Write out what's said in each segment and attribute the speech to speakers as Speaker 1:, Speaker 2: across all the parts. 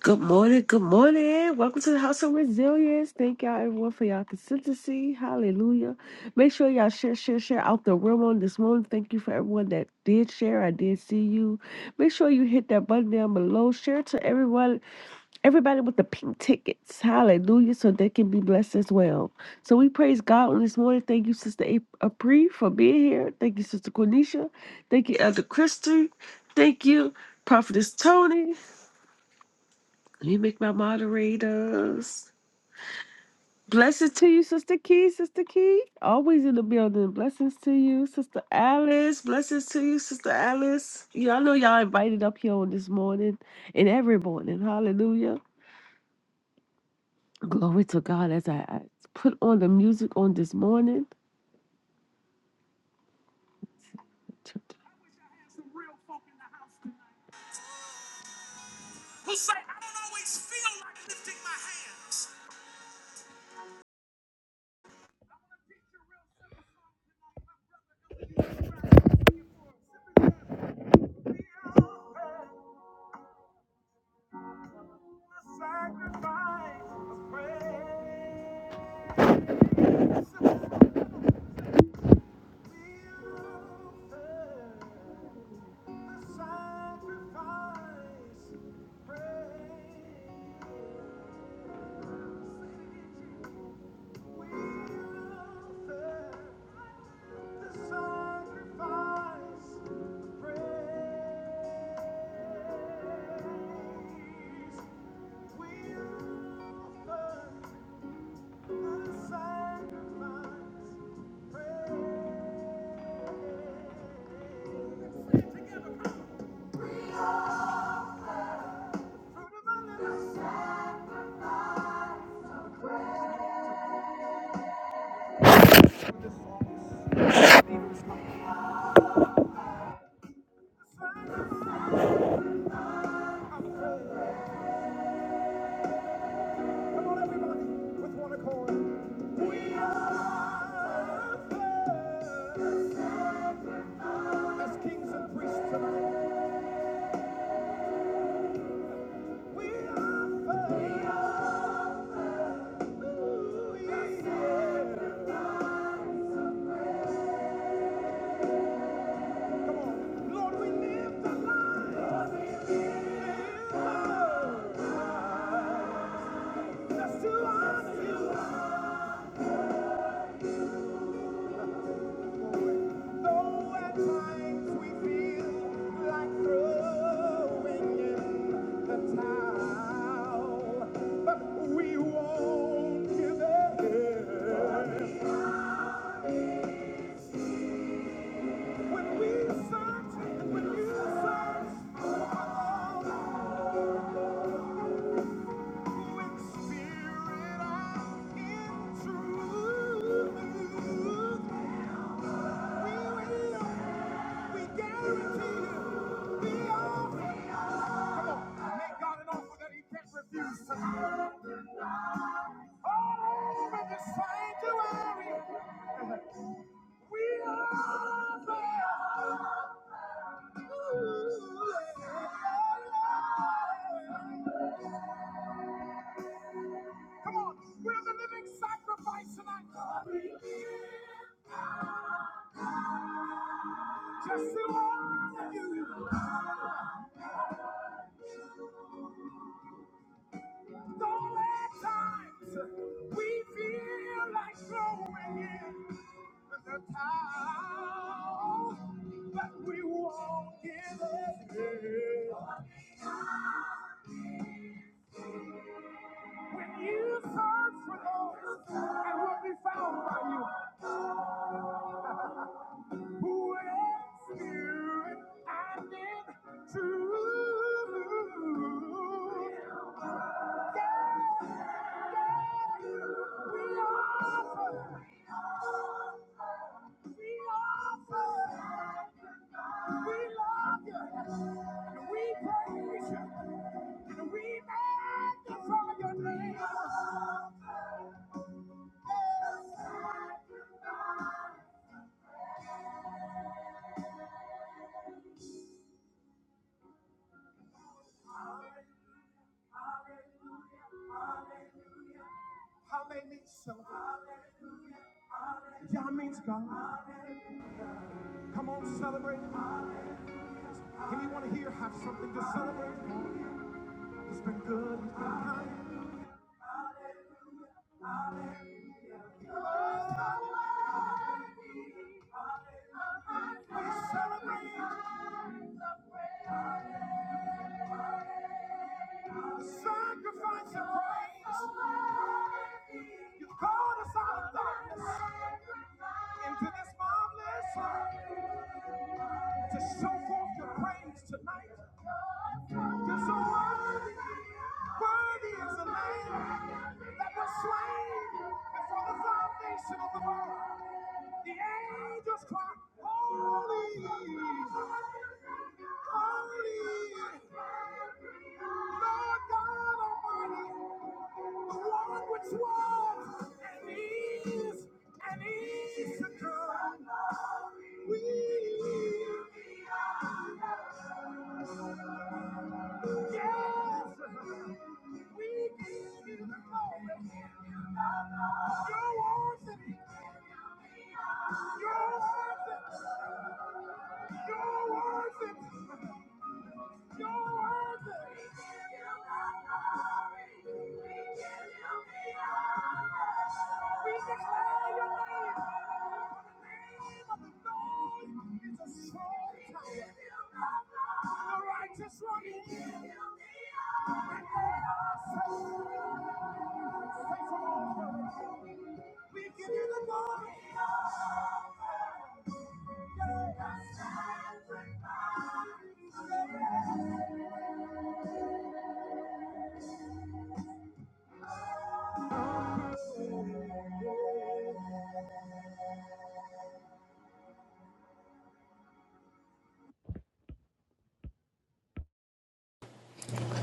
Speaker 1: Good morning, good morning. Welcome to the House of Resilience. Thank y'all everyone for y'all consistency. Hallelujah. Make sure y'all share, share, share out the room on this morning. Thank you for everyone that did share. I did see you. Make sure you hit that button down below. Share to everyone, everybody with the pink tickets. Hallelujah. So they can be blessed as well. So we praise God on this morning. Thank you, Sister A- Apri, for being here. Thank you, Sister Cornisha. Thank you, Elder Christy. Thank you, Prophetess Tony. Let me make my moderators. Blessings to you, Sister Key, Sister Key. Always in the building. Blessings to you, Sister Alice. Blessings to you, Sister Alice. Yeah, I know y'all invited up here on this morning and every morning. Hallelujah. Glory to God as I, I put on the music on this morning.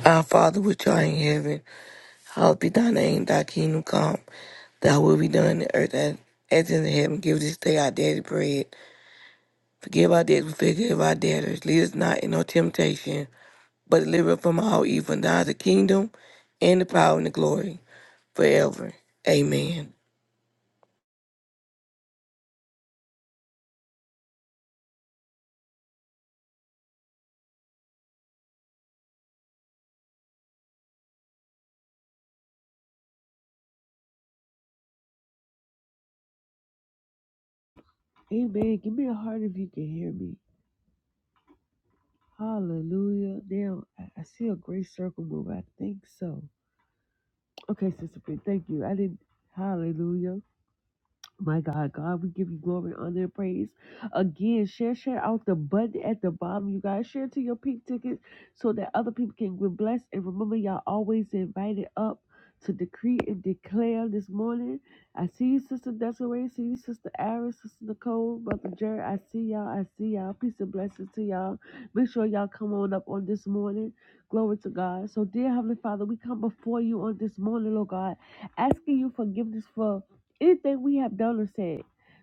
Speaker 2: Our Father which art in heaven, hallowed be thy name, thy kingdom come, thy will be done in earth as, as in heaven. Give this day our daily bread. Forgive our debts, we forgive our debtors. Lead us not into temptation, but deliver us from all evil. And thine is the kingdom, and the power, and the glory, forever. Amen.
Speaker 1: Amen. Give me a heart if you can hear me. Hallelujah. Now I, I see a great circle move. I think so. Okay, Sister P, thank you. I didn't hallelujah. My God, God, we give you glory, honor, and praise. Again, share, share out the button at the bottom. You guys share to your pink ticket so that other people can get blessed. And remember, y'all always invited up to decree and declare this morning. I see you, Sister Desiree. See you, Sister Iris, Sister Nicole, Brother Jerry. I see y'all. I see y'all. Peace and blessings to y'all. Make sure y'all come on up on this morning. Glory to God. So, dear Heavenly Father, we come before you on this morning, Lord God, asking you forgiveness for. Anything we have done or said,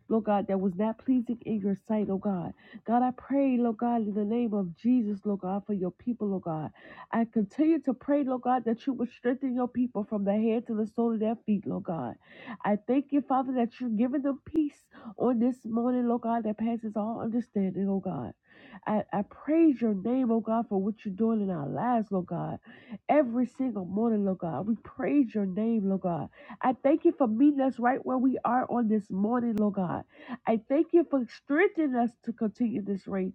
Speaker 1: Lord God, that was not pleasing in your sight, oh God. God, I pray, Lord God, in the name of Jesus, Lord God, for your people, Lord God. I continue to pray, Lord God, that you would strengthen your people from the head to the sole of their feet, Lord God. I thank you, Father, that you're giving them peace on this morning, Lord God, that passes all understanding, oh God. I, I praise your name, oh God, for what you're doing in our lives, Lord God. Every single morning, Lord God, we praise your name, Lord God. I thank you for meeting us right where we are on this morning, Lord God. I thank you for strengthening us to continue this race,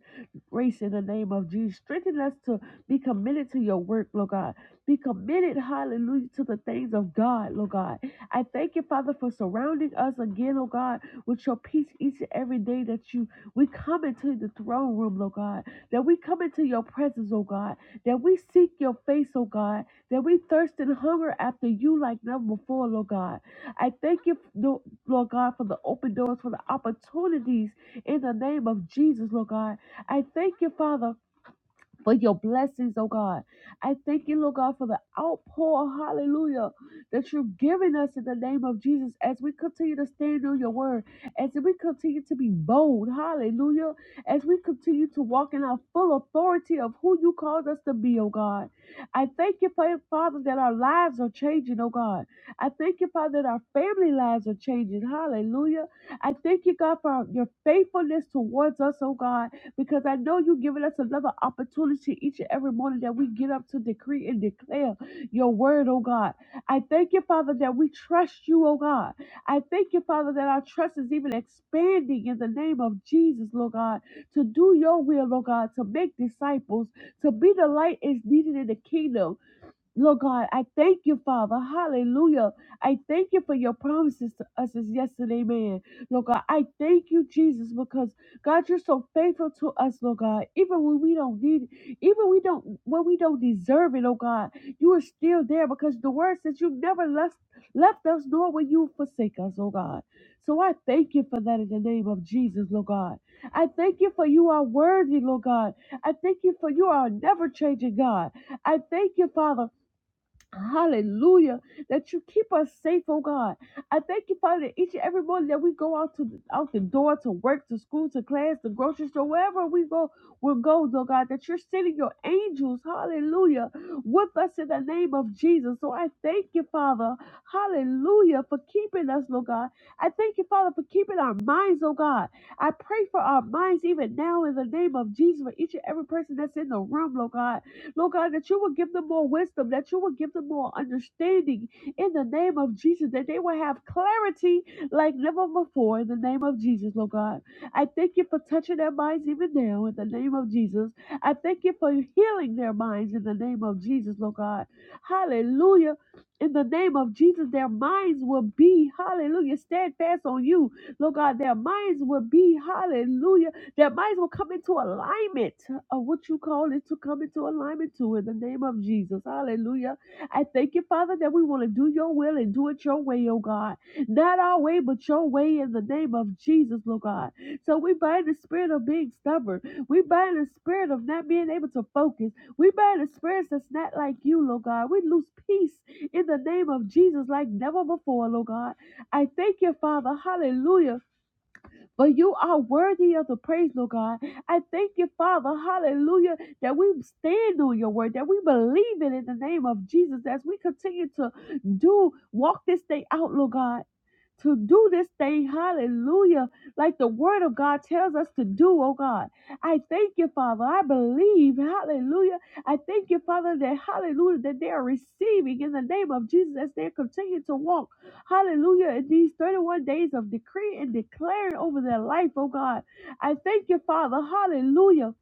Speaker 1: race in the name of Jesus. Strengthen us to be committed to your work, Lord God. Be committed, hallelujah, to the things of God, Lord God. I thank you, Father, for surrounding us again, oh God, with your peace each and every day that you we come into the throne room, Lord God. That we come into your presence, oh God. That we seek your face, oh God that we thirst and hunger after you like never before, Lord God. I thank you, Lord God, for the open doors, for the opportunities in the name of Jesus, Lord God. I thank you, Father for your blessings, oh God. I thank you, Lord God, for the outpour, hallelujah, that you're giving us in the name of Jesus as we continue to stand on your word, as we continue to be bold, hallelujah, as we continue to walk in our full authority of who you called us to be, oh God. I thank you, Fa- Father, that our lives are changing, oh God. I thank you, Father, that our family lives are changing, hallelujah. I thank you, God, for your faithfulness towards us, oh God because I know you've given us another opportunity each and every morning that we get up to decree and declare your word, oh God. I thank you, Father, that we trust you, oh God. I thank you, Father, that our trust is even expanding in the name of Jesus, Lord God, to do your will, Lord God, to make disciples, to be the light is needed in the kingdom Lord God, I thank you, Father. Hallelujah. I thank you for your promises to us as yesterday, man. Lord God, I thank you, Jesus, because God, you're so faithful to us, Lord God. Even when we don't need it, even we don't when we don't deserve it, oh God, you are still there because the word says you never left left us, nor will you forsake us, oh God. So I thank you for that in the name of Jesus, Lord God. I thank you for you are worthy, Lord God. I thank you for you are a never changing God. I thank you, Father. Hallelujah. That you keep us safe, oh God. I thank you, Father, that each and every morning that we go out to out the door to work, to school, to class, the grocery store, wherever we go, we'll go, oh God, that you're sending your angels, hallelujah, with us in the name of Jesus. So I thank you, Father, hallelujah, for keeping us, oh God. I thank you, Father, for keeping our minds, oh God. I pray for our minds even now in the name of Jesus for each and every person that's in the room, oh God. Lord God, that you will give them more wisdom, that you will give them more understanding in the name of Jesus, that they will have clarity like never before in the name of Jesus, Lord God. I thank you for touching their minds even now in the name of Jesus. I thank you for healing their minds in the name of Jesus, Lord God. Hallelujah. In the name of Jesus, their minds will be, hallelujah, steadfast on you. Lord God, their minds will be, hallelujah that might as well come into alignment of what you call it to come into alignment to in the name of Jesus. Hallelujah. I thank you, Father, that we want to do your will and do it your way, oh God. Not our way, but your way in the name of Jesus, Lord God. So we bind the spirit of being stubborn. We bind the spirit of not being able to focus. We bind the spirits that's not like you, Lord God. We lose peace in the name of Jesus like never before, Lord God. I thank you, Father. Hallelujah but you are worthy of the praise, Lord God. I thank you, Father, hallelujah, that we stand on your word, that we believe it in the name of Jesus as we continue to do walk this day out, Lord God to do this thing, hallelujah, like the word of God tells us to do, oh God. I thank you, Father. I believe, hallelujah. I thank you, Father, that hallelujah, that they are receiving in the name of Jesus as they continue to walk, hallelujah, in these 31 days of decree and declaring over their life, oh God. I thank you, Father, hallelujah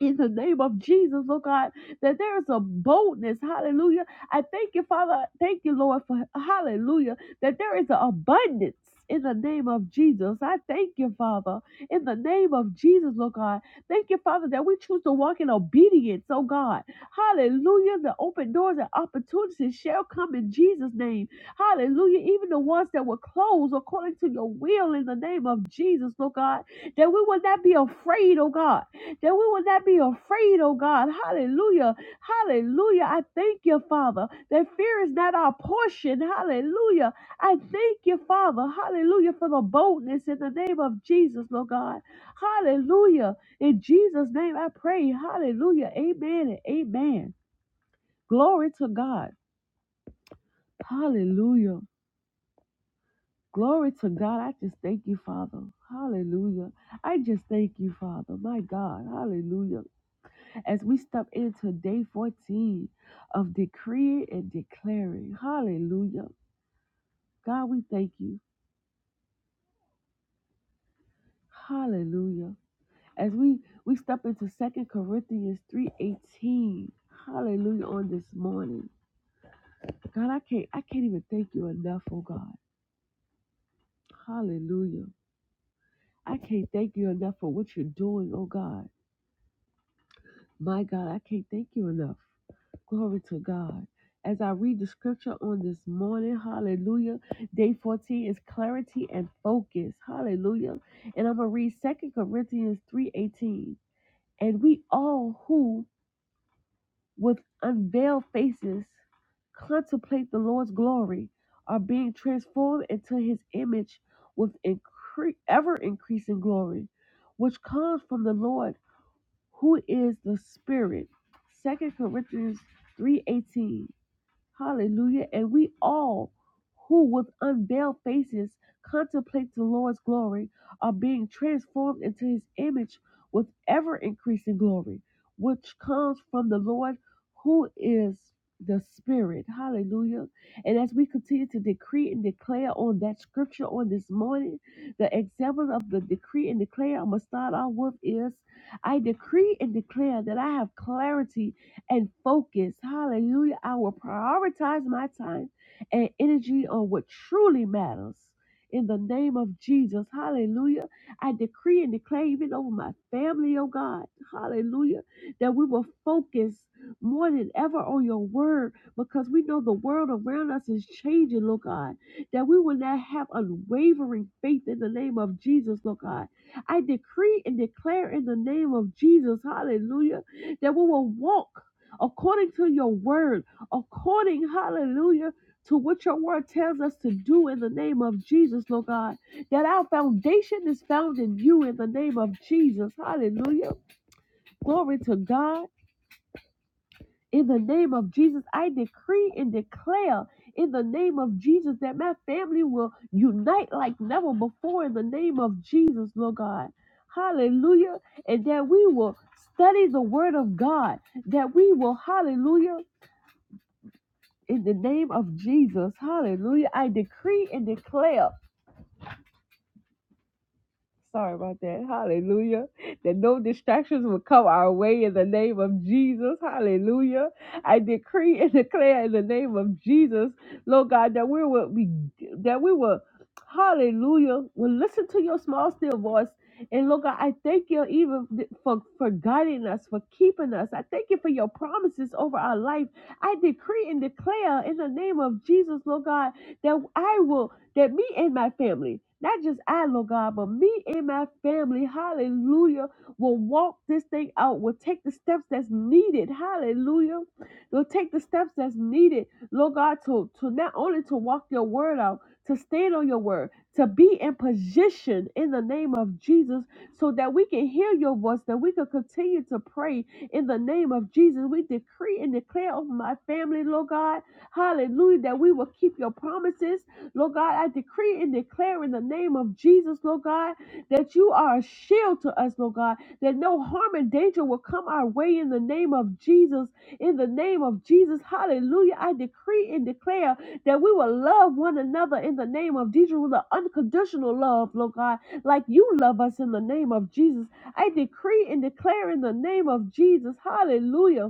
Speaker 1: in the name of Jesus, oh God, that there is a boldness, hallelujah. I thank you, Father, thank you, Lord, for hallelujah, that there is an abundance. In the name of Jesus, I thank you, Father. In the name of Jesus, oh God. Thank you, Father, that we choose to walk in obedience, oh God. Hallelujah. The open doors and opportunities shall come in Jesus' name. Hallelujah. Even the ones that were closed according to your will in the name of Jesus, oh God. That we will not be afraid, oh God that we will not be afraid, oh God. Hallelujah. Hallelujah. I thank you, Father, that fear is not our portion. Hallelujah. I thank you, Father. Hallelujah for the boldness in the name of Jesus, Lord God. Hallelujah. In Jesus' name I pray. Hallelujah. Amen and amen. Glory to God. Hallelujah. Glory to God. I just thank you, Father. Hallelujah. I just thank you, Father. My God. Hallelujah. as we step into day 14 of decreeing and declaring. Hallelujah. God, we thank you. Hallelujah. As we we step into Second Corinthians 3:18. Hallelujah on this morning. God, I can't I can't even thank you enough, oh God. Hallelujah. I can't thank you enough for what you're doing, oh God. My God, I can't thank you enough. Glory to God. As I read the scripture on this morning, hallelujah. Day 14 is clarity and focus. Hallelujah. And I'm gonna read Second Corinthians 3:18. And we all who with unveiled faces contemplate the Lord's glory are being transformed into his image with incre- ever increasing glory, which comes from the Lord who is the Spirit. Second Corinthians 3:18 Hallelujah. And we all who with unveiled faces contemplate the Lord's glory are being transformed into his image with ever increasing glory, which comes from the Lord who is the Spirit. Hallelujah. And as we continue to decree and declare on that scripture on this morning, the example of the decree and declare I'm going to start off with is I decree and declare that I have clarity and focus, hallelujah, I will prioritize my time and energy on what truly matters. In the name of Jesus, hallelujah. I decree and declare even over my family, oh God, hallelujah, that we will focus more than ever on your word because we know the world around us is changing, Lord God, that we will not have unwavering faith in the name of Jesus, Lord God. I decree and declare in the name of Jesus, hallelujah, that we will walk according to your word, according, hallelujah, to what your word tells us to do in the name of Jesus, Lord God. That our foundation is found in you in the name of Jesus. Hallelujah. Glory to God. In the name of Jesus, I decree and declare in the name of Jesus that my family will unite like never before in the name of Jesus, Lord God. Hallelujah. And that we will study the word of God. That we will, hallelujah In the name of Jesus, hallelujah, I decree and declare. Sorry about that. Hallelujah. That no distractions will come our way in the name of Jesus. Hallelujah. I decree and declare in the name of Jesus, Lord God, that we will be that we will hallelujah. Will listen to your small still voice. And Lord God, I thank you even for, for guiding us, for keeping us. I thank you for your promises over our life. I decree and declare in the name of Jesus, Lord God, that I will that me and my family, not just I, Lord God, but me and my family, hallelujah, will walk this thing out, will take the steps that's needed, hallelujah. will take the steps that's needed, Lord God, to, to not only to walk your word out, to stand on your word, to be in position in the name of Jesus so that we can hear your voice, that we can continue to pray in the name of Jesus. We decree and declare over my family, Lord God, hallelujah, that we will keep your promises Lord God, I decree and declare in the name of Jesus, Lord God, that you are a shield to us, Lord God, that no harm and danger will come our way in the name of Jesus. In the name of Jesus, hallelujah. I decree and declare that we will love one another in the name of Jesus with an unconditional love, Lord God, like you love us in the name of Jesus. I decree and declare in the name of Jesus, hallelujah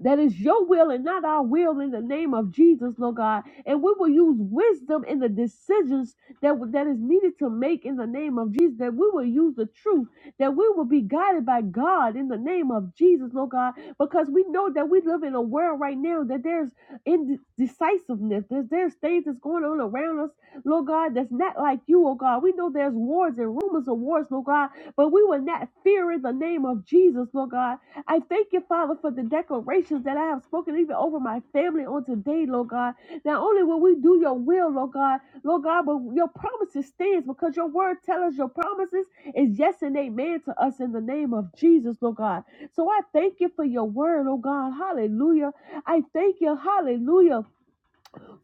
Speaker 1: that is your will and not our will in the name of Jesus, Lord God. And we will use wisdom in the decisions that, that is needed to make in the name of Jesus. That we will use the truth. That we will be guided by God in the name of Jesus, Lord God. Because we know that we live in a world right now that there's indecisiveness. There's, there's things that's going on around us, Lord God, that's not like you, oh God. We know there's wars and rumors of wars, Lord God. But we will not fear in the name of Jesus, Lord God I thank you, Father, for the declarations that I have spoken even over my family on today, Lord God. Not only will we do your will, Lord God, Lord God, but your promises stands because your word tells us your promises is yes and amen to us in the name of Jesus, Lord God. So I thank you for your word, oh God. Hallelujah. I thank you, hallelujah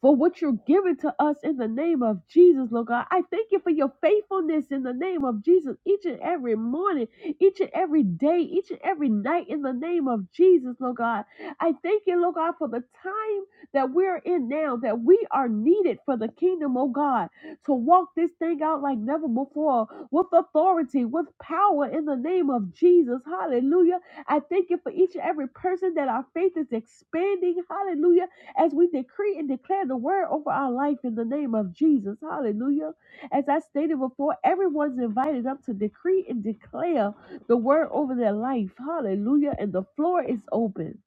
Speaker 1: for what you're giving to us in the name of Jesus, Lord God. I thank you for your faithfulness in the name of Jesus each and every morning, each and every day, each and every night in the name of Jesus, Lord God. I thank you, Lord God, for the time that we're in now, that we are needed for the kingdom, oh God, to walk this thing out like never before with authority, with power in the name of Jesus. Hallelujah. I thank you for each and every person that our faith is expanding. Hallelujah as we decree and declare the word over our life in the name of Jesus. Hallelujah. As I stated before, everyone's invited up to decree and declare the word over their life. Hallelujah. And the floor is open.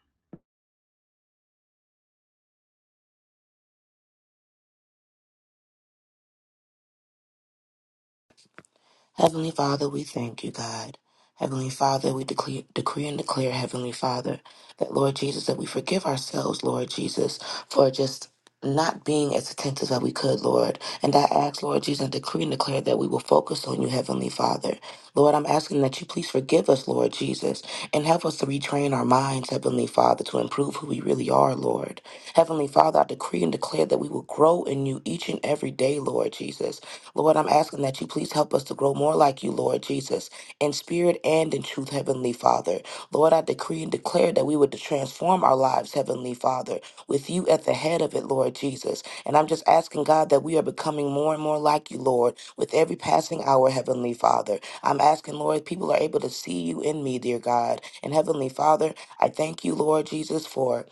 Speaker 3: Heavenly Father, we thank you, God. Heavenly Father, we declare, decree and declare, Heavenly Father, that Lord Jesus, that we forgive ourselves, Lord Jesus, for just not being as attentive as we could, Lord. And I ask, Lord Jesus, and decree and declare that we will focus on you, Heavenly Father. Lord, I'm asking that you please forgive us, Lord Jesus, and help us to retrain our minds, Heavenly Father, to improve who we really are, Lord. Heavenly Father, I decree and declare that we will grow in you each and every day, Lord Jesus. Lord, I'm asking that you please help us to grow more like you, Lord Jesus, in spirit and in truth, Heavenly Father. Lord, I decree and declare that we would transform our lives, Heavenly Father, with you at the head of it, Lord Jesus. And I'm just asking, God, that we are becoming more and more like you, Lord, with every passing hour, Heavenly Father. I'm asking, Lord, people are able to see you in me, dear God. And Heavenly Father, I thank you, Lord Jesus, for.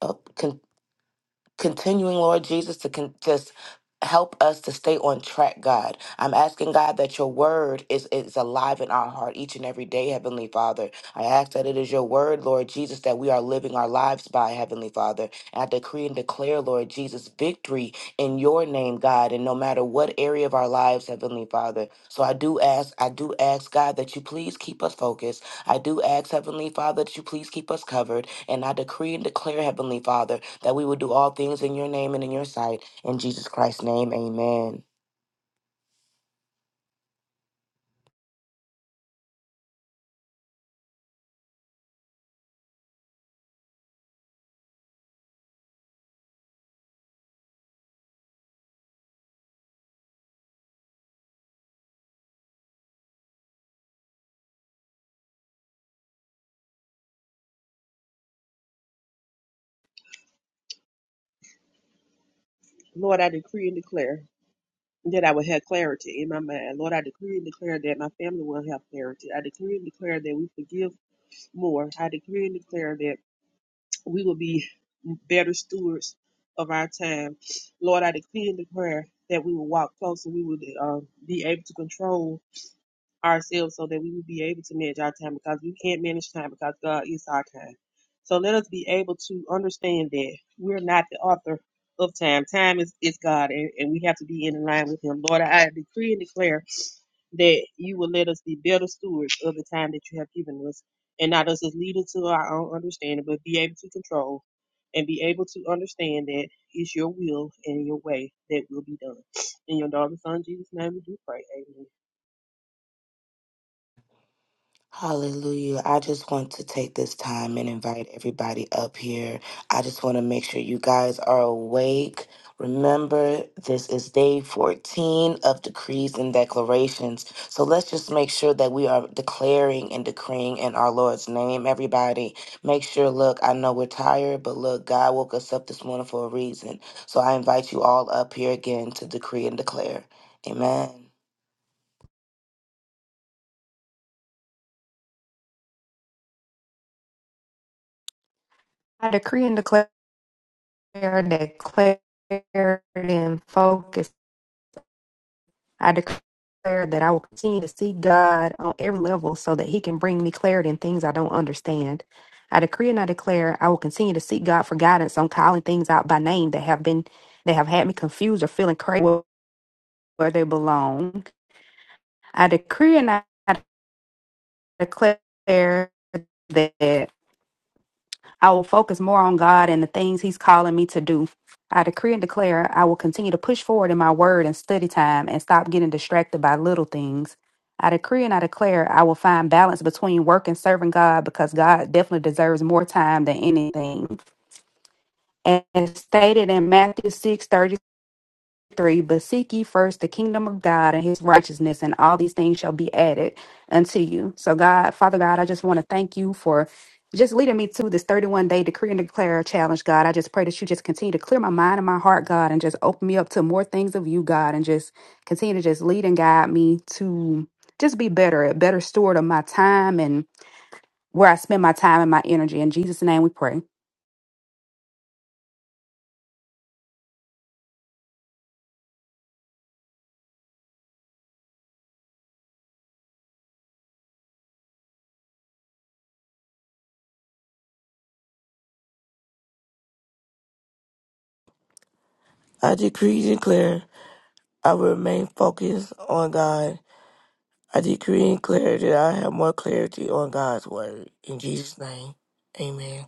Speaker 3: Uh, continuing, Lord Jesus, to con- just help us to stay on track, God. I'm asking God that your word is is alive in our heart each and every day, Heavenly Father. I ask that it is your word, Lord Jesus, that we are living our lives by, Heavenly Father. And I decree and declare, Lord Jesus, victory in your name, God, and no matter what area of our lives, Heavenly Father. So I do ask, I do ask, God, that you please keep us focused. I do ask, Heavenly Father, that you please keep us covered. And I decree and declare, Heavenly Father, that we would do all things in your name and in your sight. In Jesus Christ's name, amen.
Speaker 4: Lord, I decree and declare that I will have clarity in my mind. Lord, I decree and declare that my family will have clarity. I decree and declare that we forgive more. I decree and declare that we will be better stewards of our time. Lord, I decree and declare that we will walk closer. We will uh, be able to control ourselves so that we will be able to manage our time because we can't manage time because God is our time. So let us be able to understand that we're not the author of time. Time is, is God, and, and we have to be in line with Him. Lord, I decree and declare that you will let us be better stewards of the time that you have given us, and not us as leaders to our own understanding, but be able to control and be able to understand that it's your will and your way that will be done. In your daughter's son, Jesus' name, we do pray. Amen.
Speaker 3: Hallelujah. I just want to take this time and invite everybody up here. I just want to make sure you guys are awake. Remember, this is day 14 of decrees and declarations. So let's just make sure that we are declaring and decreeing in our Lord's name, everybody. Make sure, look, I know we're tired, but look, God woke us up this morning for a reason. So I invite you all up here again to decree and declare. Amen.
Speaker 5: I decree and declare that clarity and focus. I declare that I will continue to seek God on every level so that He can bring me clarity in things I don't understand. I decree and I declare I will continue to seek God for guidance on calling things out by name that have been that have had me confused or feeling crazy where they belong. I decree and I declare that I will focus more on God and the things He's calling me to do. I decree and declare I will continue to push forward in my word and study time and stop getting distracted by little things. I decree and I declare I will find balance between work and serving God because God definitely deserves more time than anything. And as stated in Matthew 6:36. 3 But seek ye first the kingdom of God and his righteousness, and all these things shall be added unto you. So, God, Father God, I just want to thank you for just leading me to this 31 day decree and declare challenge, God. I just pray that you just continue to clear my mind and my heart, God, and just open me up to more things of you, God, and just continue to just lead and guide me to just be better, a better steward of my time and where I spend my time and my energy. In Jesus' name we pray.
Speaker 2: I decree and declare I will remain focused on God. I decree and declare that I have more clarity on God's word. In Jesus' name, amen.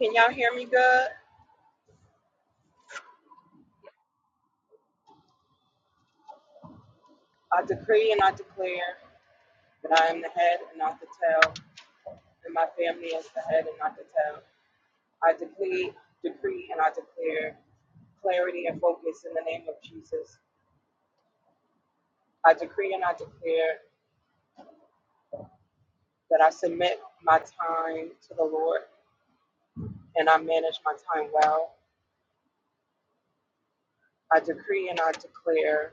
Speaker 6: Can y'all hear me good? I decree and I declare that I am the head and not the tail, and my family is the head and not the tail. I decree, decree, and I declare clarity and focus in the name of Jesus. I decree and I declare that I submit my time to the Lord and I manage my time well. I decree and I declare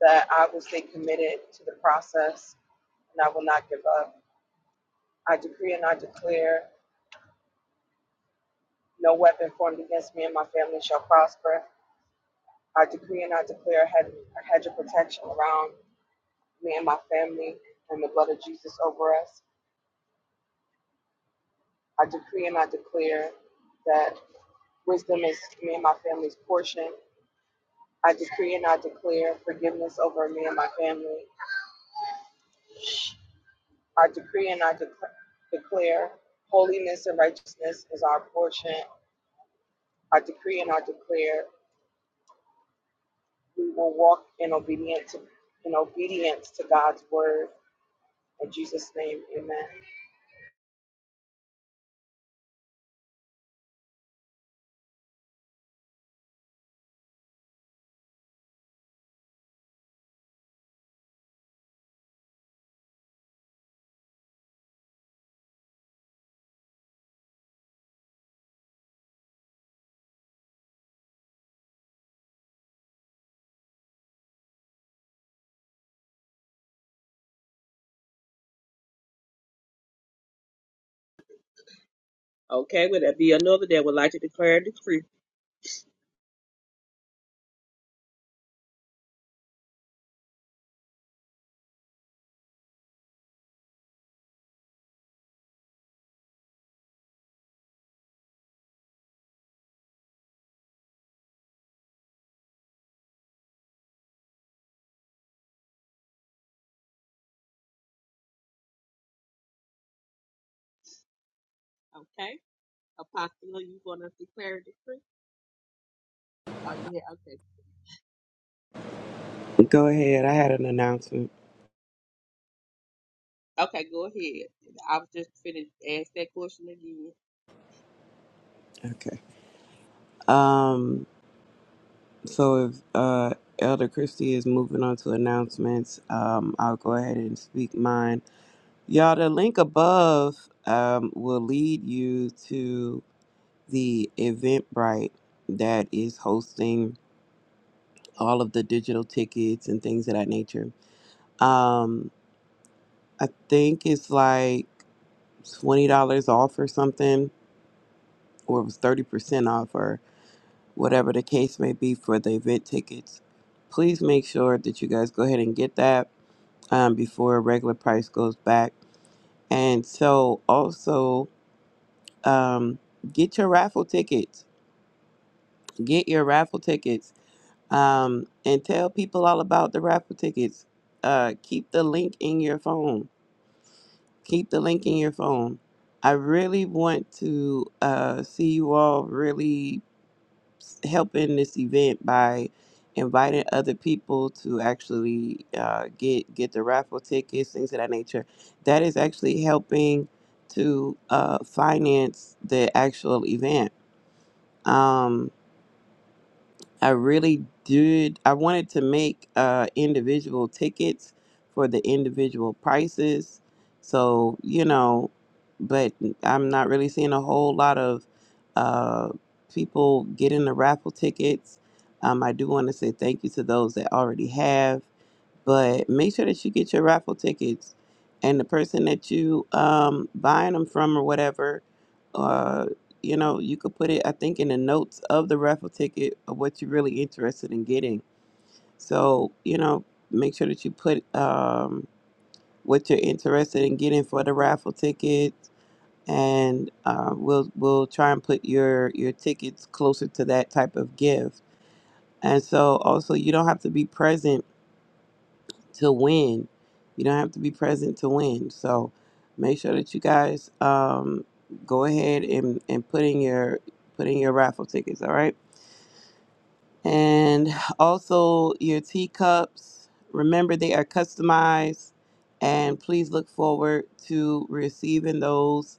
Speaker 6: that I will stay committed to the process and I will not give up. I decree and I declare No weapon formed against me and my family shall prosper. I decree and I declare a hedge, a hedge of protection around me and my family and the blood of Jesus over us. I decree and I declare that wisdom is me and my family's portion. I decree and I declare forgiveness over me and my family. I decree and I dec- declare holiness and righteousness is our portion. I decree and I declare we will walk in obedience to in obedience to God's word. In Jesus' name, amen.
Speaker 4: Okay, would that be another that would like to declare a decree? Okay, Apostle, you want to declare a decree? Oh, yeah, okay.
Speaker 7: Go ahead. I had an announcement.
Speaker 4: Okay, go ahead. I was just finished ask that question again.
Speaker 7: Okay. Um. So if uh Elder Christie is moving on to announcements, um, I'll go ahead and speak mine. Y'all, the link above um will lead you to the Eventbrite that is hosting all of the digital tickets and things of that nature. Um, I think it's like twenty dollars off or something, or it was thirty percent off, or. whatever the case may be for the event tickets. Please make sure that you guys go ahead and get that um, before regular price goes back. And so also um, get your raffle tickets. Get your raffle tickets um, and tell people all about the raffle tickets. Uh, keep the link in your phone. Keep the link in your phone. I really want to uh, see you all really helping this event by inviting other people to actually uh, get get the raffle tickets, things of that nature. That is actually helping to uh, finance the actual event. Um, I really did. I wanted to make uh, individual tickets for the individual prices. So, you know, but I'm not really seeing a whole lot of uh, people getting the raffle tickets. Um, I do want to say thank you to those that already have but make sure that you get your raffle tickets and the person that you um buying them from or whatever uh you know you could put it i think in the notes of the raffle ticket of what you're really interested in getting so you know make sure that you put um what you're interested in getting for the raffle ticket and uh, we'll we'll try and put your your tickets closer to that type of gift and so also you don't have to be present to win. You don't have to be present to win. So make sure that you guys um, go ahead and, and put in your put in your raffle tickets, all right? And also your teacups. Remember they are customized and please look forward to receiving those.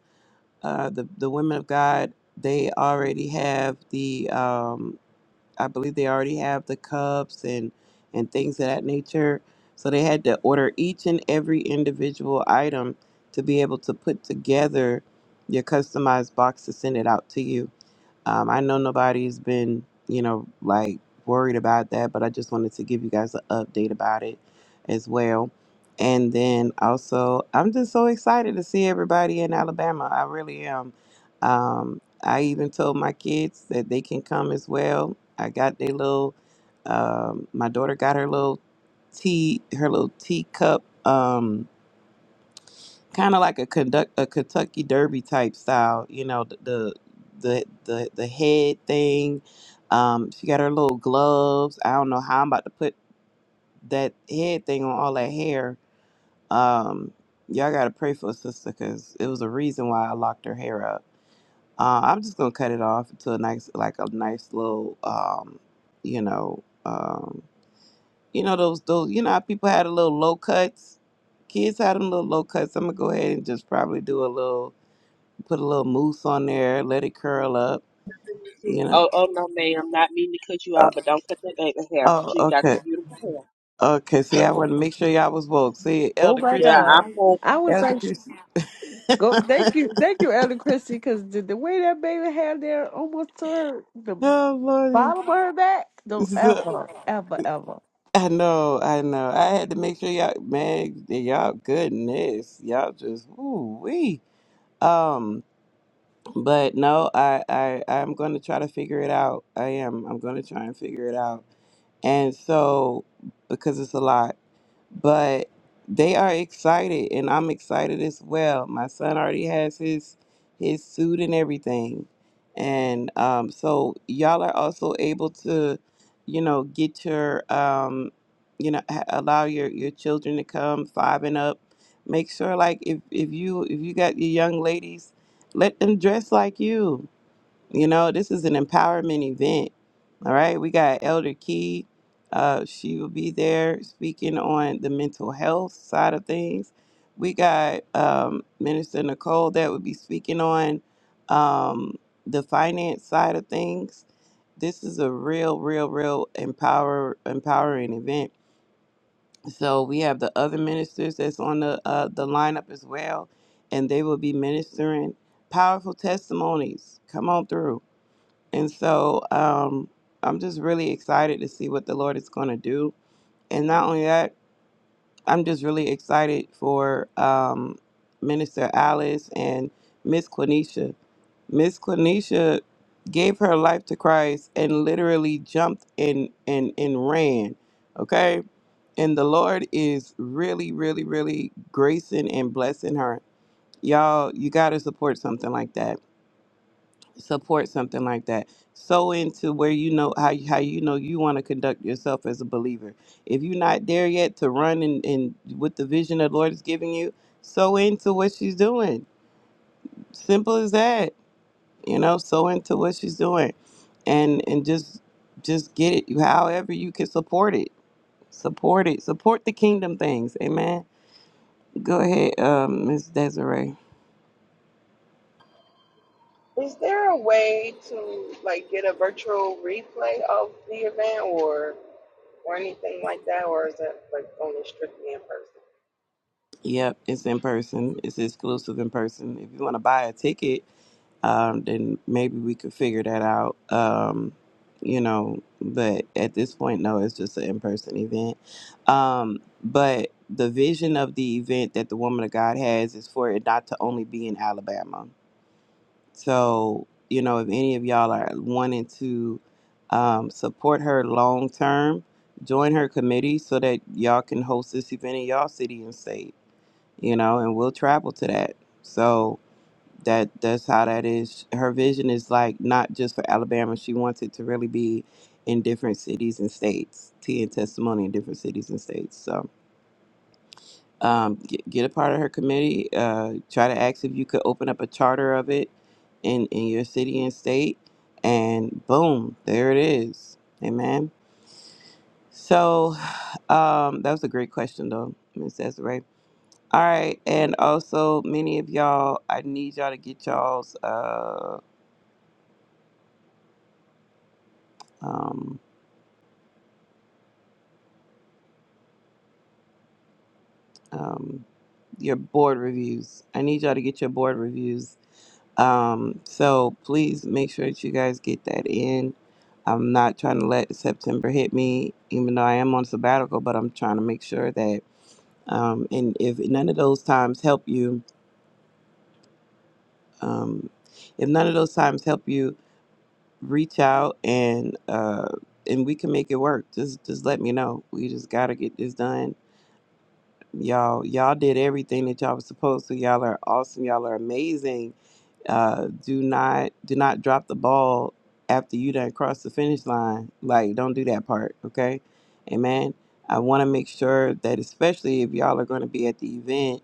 Speaker 7: Uh, the, the women of God, they already have the um, I believe they already have the cups and and things of that nature. So they had to order each and every individual item to be able to put together your customized box to send it out to you. Um, I know nobody's been, you know, like worried about that, but I just wanted to give you guys an update about it as well. And then also, I'm just so excited to see everybody in Alabama. I really am. Um, I even told my kids that they can come as well. I got their little, um, my daughter got her little tea, her little teacup. Um, kind of like a conduct a Kentucky Derby type style. You know, the the the the, the head thing. Um, she got her little gloves. I don't know how I'm about to put that head thing on all that hair. Um, y'all gotta pray for a sister because it was a reason why I locked her hair up. Uh, I'm just gonna cut it off into a nice, like a nice little, um, you know, um, you know those those you know how people had a little low cuts. Kids had them little low cuts. I'm gonna go ahead and just probably do a little Put a little mousse on there, let it curl up, you know.
Speaker 4: Oh, oh no, ma'am, not meaning to cut you
Speaker 7: Uh,
Speaker 4: off, but don't cut that baby hair.
Speaker 7: oh,
Speaker 4: She got the
Speaker 7: okay.
Speaker 4: beautiful hair.
Speaker 7: Okay, see, I want to make sure y'all was woke. See,
Speaker 1: Oh
Speaker 7: Elder
Speaker 1: my
Speaker 4: Yeah,
Speaker 7: Christie
Speaker 1: God.
Speaker 7: woke.
Speaker 4: I'm going.
Speaker 1: I was
Speaker 7: Elder
Speaker 1: like,
Speaker 7: Christie.
Speaker 1: go thank you, thank you, Elder Christie, because the, the way that baby had there almost to her the
Speaker 7: oh, Lordy.
Speaker 1: bottom of her back, don't
Speaker 7: So-
Speaker 1: ever, ever, ever.
Speaker 7: I know, I know. I had to make sure y'all, man, y'all goodness. Y'all just, ooh, wee. Um, but no, I, I, I'm going to try to figure it out. I am. I'm going to try and figure it out. And so, because it's a lot. but they are excited and I'm excited as well. My son already has his his suit and everything. And um, so y'all are also able to, you know, get your um, you know, ha- allow your your children to come five and up. Make sure like if if you if you got your young ladies, let them dress like you you know, this is an empowerment event. All right. We got Elder Key. Uh, she will be there speaking on the mental health side of things. We got um, Minister Nicole that will be speaking on um, the finance side of things. This is a real, real, real empower empowering event. So we have the other ministers that's on the uh, the lineup as well, and they will be ministering powerful testimonies. Come on through and so um, I'm just really excited to see what the Lord is going to do. And not only that, I'm just really excited for um, Minister Alice and Miss Quenisha. Miss Quenisha gave her life to Christ and literally jumped and, and, and ran. Okay? And the Lord is really, really, really gracing and blessing her. Y'all, you got to support something like that support something like that. So into where you know how you- how you know you want to conduct yourself as a believer. If you're not there yet to run and and with the vision that Lord is giving you, so into what she's doing. Simple as that. You know, so into what she's doing, and and just just get it. You however you can support it, support it, support the kingdom things. Amen. Go ahead, um, Miss Desiree.
Speaker 6: Is there a way to like get a virtual replay of the event or or anything like that, or is that like only strictly in person?
Speaker 7: Yep, it's in person. It's exclusive in person. If you want to buy a ticket um, then maybe we could figure that out. Um, you know, but at this point, no, it's just an in person event. Um, but the vision of the event that the woman of God has is for it not to only be in Alabama. So, you know, if any of y'all are wanting to um, support her long term, join her committee so that y'all can host this event in y'all city and state, you know, and we'll travel to that. So, that that's how that is her vision is like not just for alabama she wants it to really be in different cities and states tea and testimony in different cities and states so um, get, get a part of her committee uh, try to ask if you could open up a charter of it in in your city and state and boom there it is amen so um, that was a great question though miss desiree all right and also many of y'all i need y'all to get y'all's uh um um, your board reviews. I need y'all to get your board reviews. Um, so please make sure that you guys get that in. I'm not trying to let September hit me, even though I am on sabbatical, but I'm trying to make sure that, um, and if none of those times help you, um, if none of those times help you, reach out and, uh, and we can make it work. Just, just let me know. We just gotta get this done Y'all, y'all did everything that y'all was supposed to. Y'all are awesome. Y'all are amazing uh, do not do not drop the ball after you done crossed the finish line. Like, don't do that part, okay? Amen. I want to make sure that, especially if y'all are going to be at the event,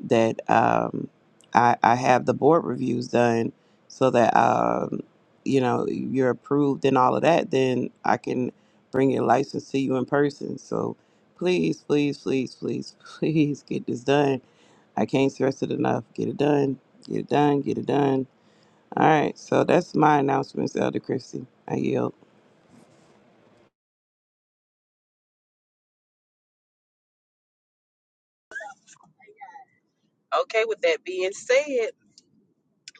Speaker 7: that um, I, I have the board reviews done so that um, you know you're approved and all of that. Then I can bring your license to you in person. So please, please, please, please, please get this done. I can't stress it enough. Get it done. Get it done. Get it done all right, so that's my announcements, Elder Christie. I yield.
Speaker 4: Okay, with that being said,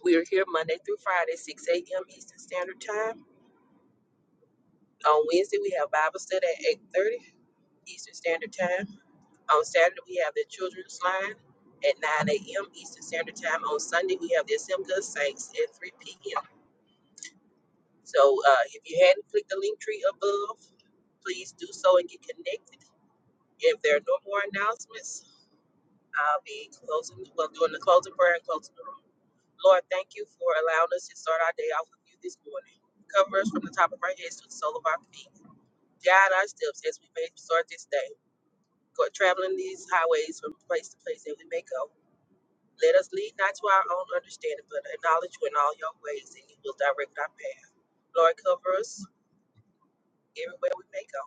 Speaker 4: we are here Monday through Friday, 6 a.m. Eastern Standard Time. On Wednesday, we have Bible study at 8:30 Eastern Standard Time. On Saturday, we have the children's line at 9 a.m. Eastern Standard Time. On Sunday, we have the Assembly of Saints at 3 p.m. So uh, if you hadn't clicked the link tree above, please do so and get connected. If there are no more announcements, I'll be closing, well, doing the closing prayer and closing the room. Lord, thank you for allowing us to start our day off with you this morning. Cover us from the top of our heads to the sole of our feet. Guide our steps as we may start this day. Go traveling these highways from place to place that we may go. Let us lead not to our own understanding, but acknowledge you in all your ways, and you will direct our path. Lord, cover us everywhere we may go.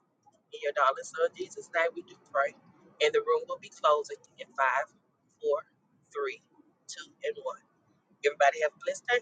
Speaker 4: In your darling son Jesus' name, we do pray. And the room will be closing in five, four, three, two, and one. Everybody have a blessed day.